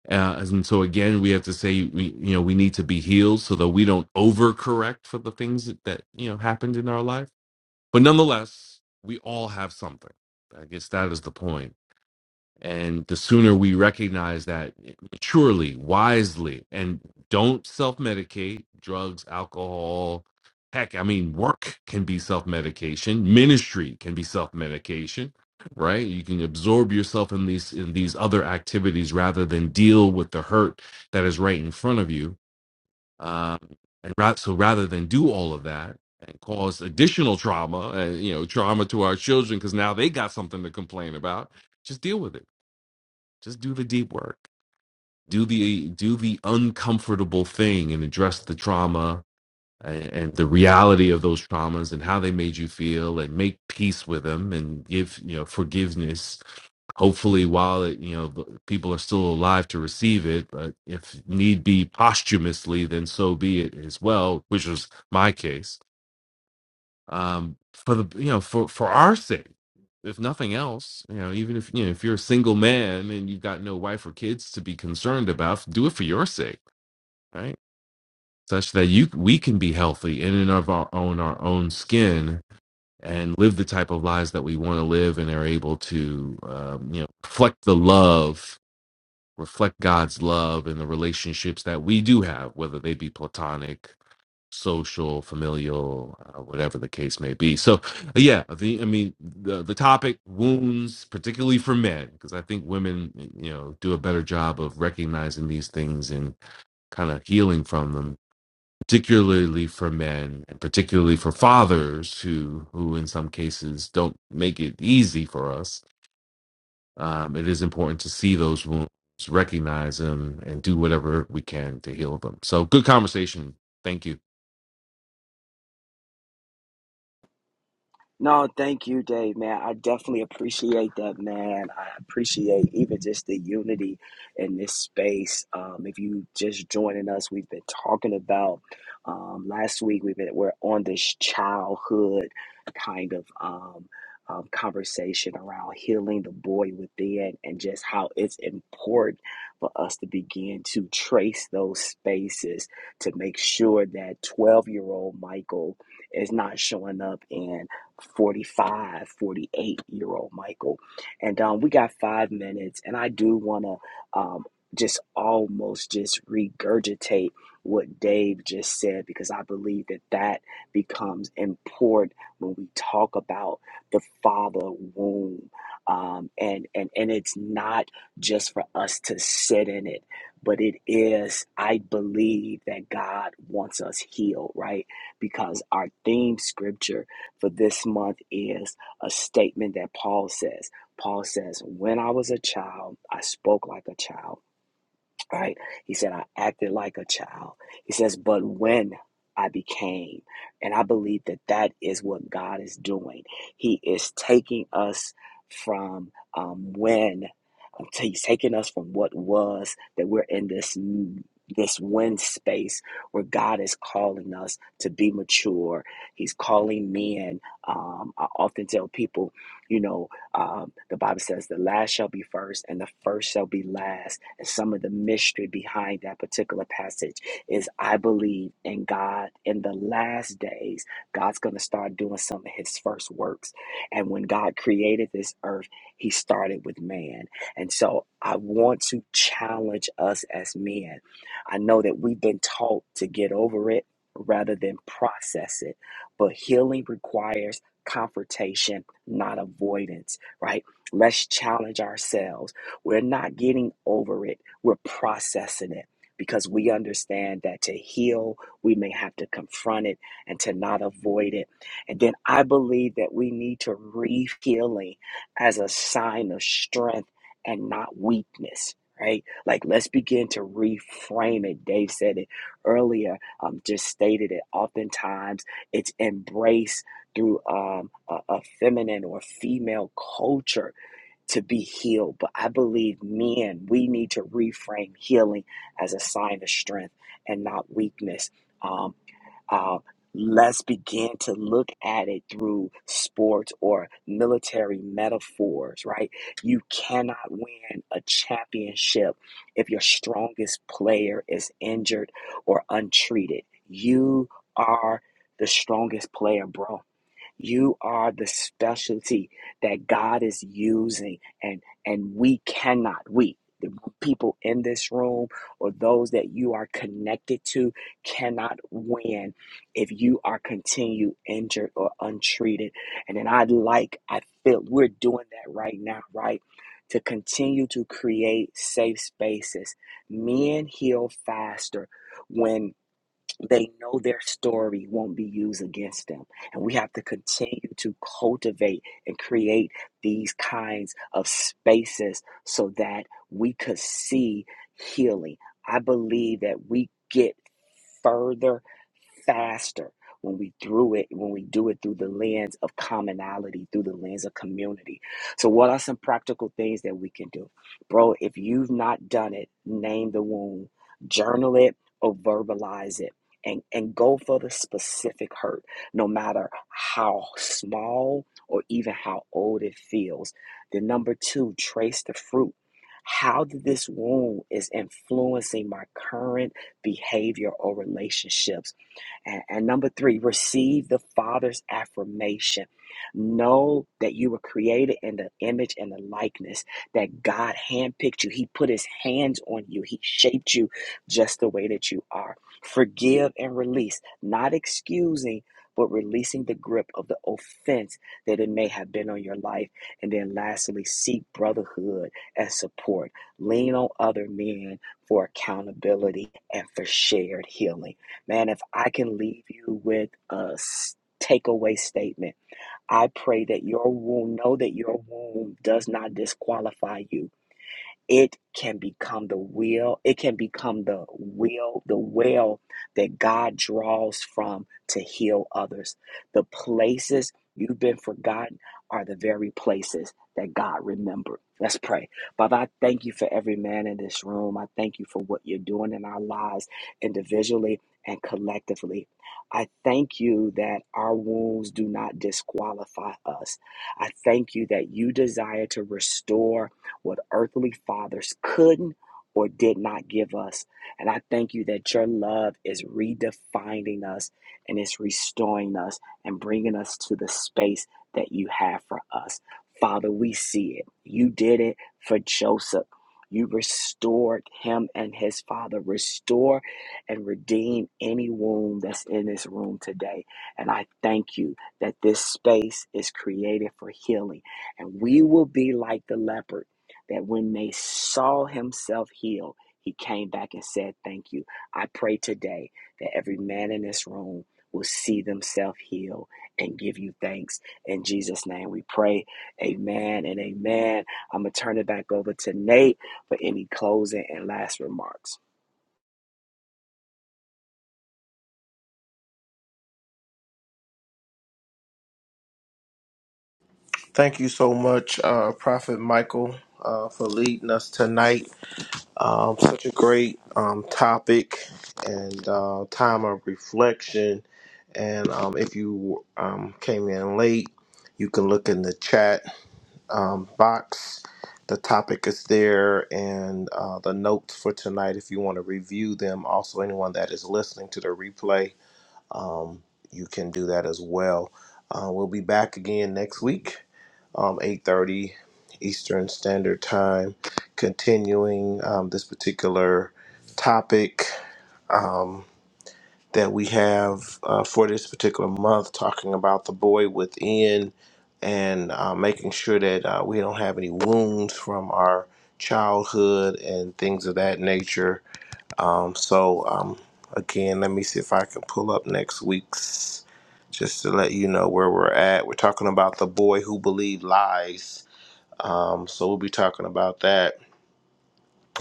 Speaker 3: uh, and so again, we have to say we you know we need to be healed so that we don't overcorrect for the things that, that you know happened in our life. But nonetheless, we all have something. I guess that is the point and the sooner we recognize that maturely, wisely, and don't self medicate drugs, alcohol, heck, I mean, work can be self medication, ministry can be self medication right you can absorb yourself in these in these other activities rather than deal with the hurt that is right in front of you um, and ra- so rather than do all of that and cause additional trauma uh, you know trauma to our children because now they got something to complain about just deal with it just do the deep work do the do the uncomfortable thing and address the trauma and, and the reality of those traumas and how they made you feel and make peace with them and give you know forgiveness hopefully while it, you know the- people are still alive to receive it but if need be posthumously then so be it as well which was my case um, for the you know for for our sake, if nothing else, you know, even if you know if you're a single man and you've got no wife or kids to be concerned about, do it for your sake, right? Such that you we can be healthy in and of our own our own skin and live the type of lives that we want to live and are able to um, you know reflect the love reflect god's love in the relationships that we do have whether they be platonic social, familial, uh, whatever the case may be. So, uh, yeah, the I mean the the topic wounds, particularly for men, because I think women, you know, do a better job of recognizing these things and kind of healing from them. Particularly for men, and particularly for fathers who who in some cases don't make it easy for us. Um, it is important to see those wounds, recognize them, and do whatever we can to heal them. So, good conversation. Thank you.
Speaker 4: No, thank you, Dave, man. I definitely appreciate that, man. I appreciate even just the unity in this space. Um, if you just joining us, we've been talking about um, last week. We've been we're on this childhood kind of um, um, conversation around healing the boy within, and just how it's important for us to begin to trace those spaces to make sure that twelve year old Michael is not showing up in 4548 year old Michael. And um, we got five minutes, and I do want to um, just almost just regurgitate what Dave just said because I believe that that becomes important when we talk about the father womb. Um, and, and, and it's not just for us to sit in it, but it is, I believe that God wants us healed, right? Because our theme scripture for this month is a statement that Paul says. Paul says, When I was a child, I spoke like a child right? He said, I acted like a child. He says, but when I became, and I believe that that is what God is doing. He is taking us from um, when, He's taking us from what was that we're in this this when space where God is calling us to be mature. He's calling men. Um, I often tell people, you know, um, the Bible says, "The last shall be first, and the first shall be last." And some of the mystery behind that particular passage is I believe in God in the last days, God's going to start doing some of his first works. And when God created this earth, he started with man. And so I want to challenge us as men. I know that we've been taught to get over it rather than process it, but healing requires confrontation, not avoidance, right? Let's challenge ourselves we're not getting over it, we're processing it because we understand that to heal, we may have to confront it and to not avoid it. And then I believe that we need to read healing as a sign of strength and not weakness. Right? Like, let's begin to reframe it. Dave said it earlier, um, just stated it. Oftentimes, it's embraced through um, a, a feminine or female culture to be healed. But I believe men, we need to reframe healing as a sign of strength and not weakness. Um, uh, let's begin to look at it through sports or military metaphors, right? You cannot win a championship if your strongest player is injured or untreated. You are the strongest player, bro you are the specialty that God is using, and and we cannot. We the people in this room or those that you are connected to cannot win if you are continue injured or untreated. And then I would like I feel we're doing that right now, right? To continue to create safe spaces. Men heal faster when they know their story won't be used against them. And we have to continue to cultivate and create these kinds of spaces so that we could see healing. I believe that we get further faster when we through it when we do it through the lens of commonality through the lens of community so what are some practical things that we can do bro if you've not done it name the wound journal it or verbalize it and, and go for the specific hurt, no matter how small or even how old it feels. Then number two, trace the fruit. How did this wound is influencing my current behavior or relationships? And, and number three, receive the Father's affirmation. Know that you were created in the image and the likeness that God handpicked you. He put his hands on you. He shaped you just the way that you are Forgive and release, not excusing, but releasing the grip of the offense that it may have been on your life. And then lastly, seek brotherhood and support. Lean on other men for accountability and for shared healing. Man, if I can leave you with a takeaway statement, I pray that your wound, know that your wound does not disqualify you it can become the will, it can become the will, the well that God draws from to heal others. The places you've been forgotten are the very places that God remembered. Let's pray. Father, I thank you for every man in this room. I thank you for what you're doing in our lives individually and collectively. I thank you that our wounds do not disqualify us. I thank you that you desire to restore what earthly fathers couldn't or did not give us. And I thank you that your love is redefining us and it's restoring us and bringing us to the space that you have for us. Father, we see it. You did it for Joseph. You restored him and his father. Restore and redeem any wound that's in this room today. And I thank you that this space is created for healing. And we will be like the leopard that when they saw himself healed, he came back and said, Thank you. I pray today that every man in this room will see themselves healed and give you thanks. In Jesus' name we pray. Amen and amen. I'm going to turn it back over to Nate for any closing and last remarks.
Speaker 1: Thank you so much, uh, Prophet Michael, uh, for leading us tonight Um, such a great um, topic and uh, time of reflection. And um, if you um, came in late, you can look in the chat um, box. The topic is there and uh, the notes for tonight if you want to review them. Also, anyone that is listening to the replay, um, you can do that as well. Uh, we'll be back again next week, um, 8.30 Eastern Standard Time, continuing um, this particular topic um, that we have uh, for this particular month, talking about the boy within and uh, making sure that uh, we don't have any wounds from our childhood and things of that nature um, so um, again, let me see if I can pull up next week's just to let you know where we're at. We're talking about the boy who believed lies. Um, so we'll be talking about that,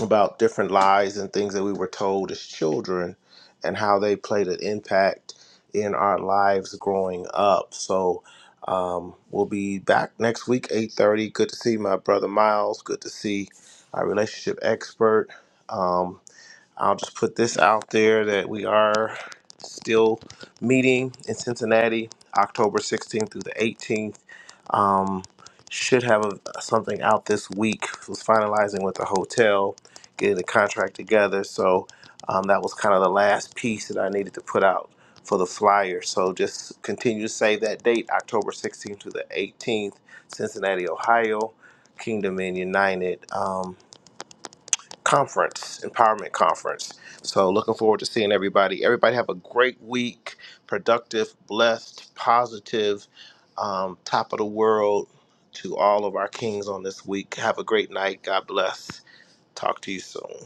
Speaker 1: about different lies and things that we were told as children and how they played an impact in our lives growing up. So um, we'll be back next week, 8.30. Good to see my brother Miles. Good to see our relationship expert. Um, I'll just put this out there that we are still meeting in Cincinnati, October 16th through the 18th. Um, should have a, something out this week. Was finalizing with the hotel, getting the contract together. So um, that was kind of the last piece that I needed to put out for the flyer. So just continue to save that date, October 16th to the 18th, Cincinnati, Ohio, Kingdom and United. Um, conference, empowerment conference. So looking forward to seeing everybody. Everybody have a great week, productive, blessed, positive, um, top of the world to all of our kings on this week. Have a great night. God bless. Talk to you soon.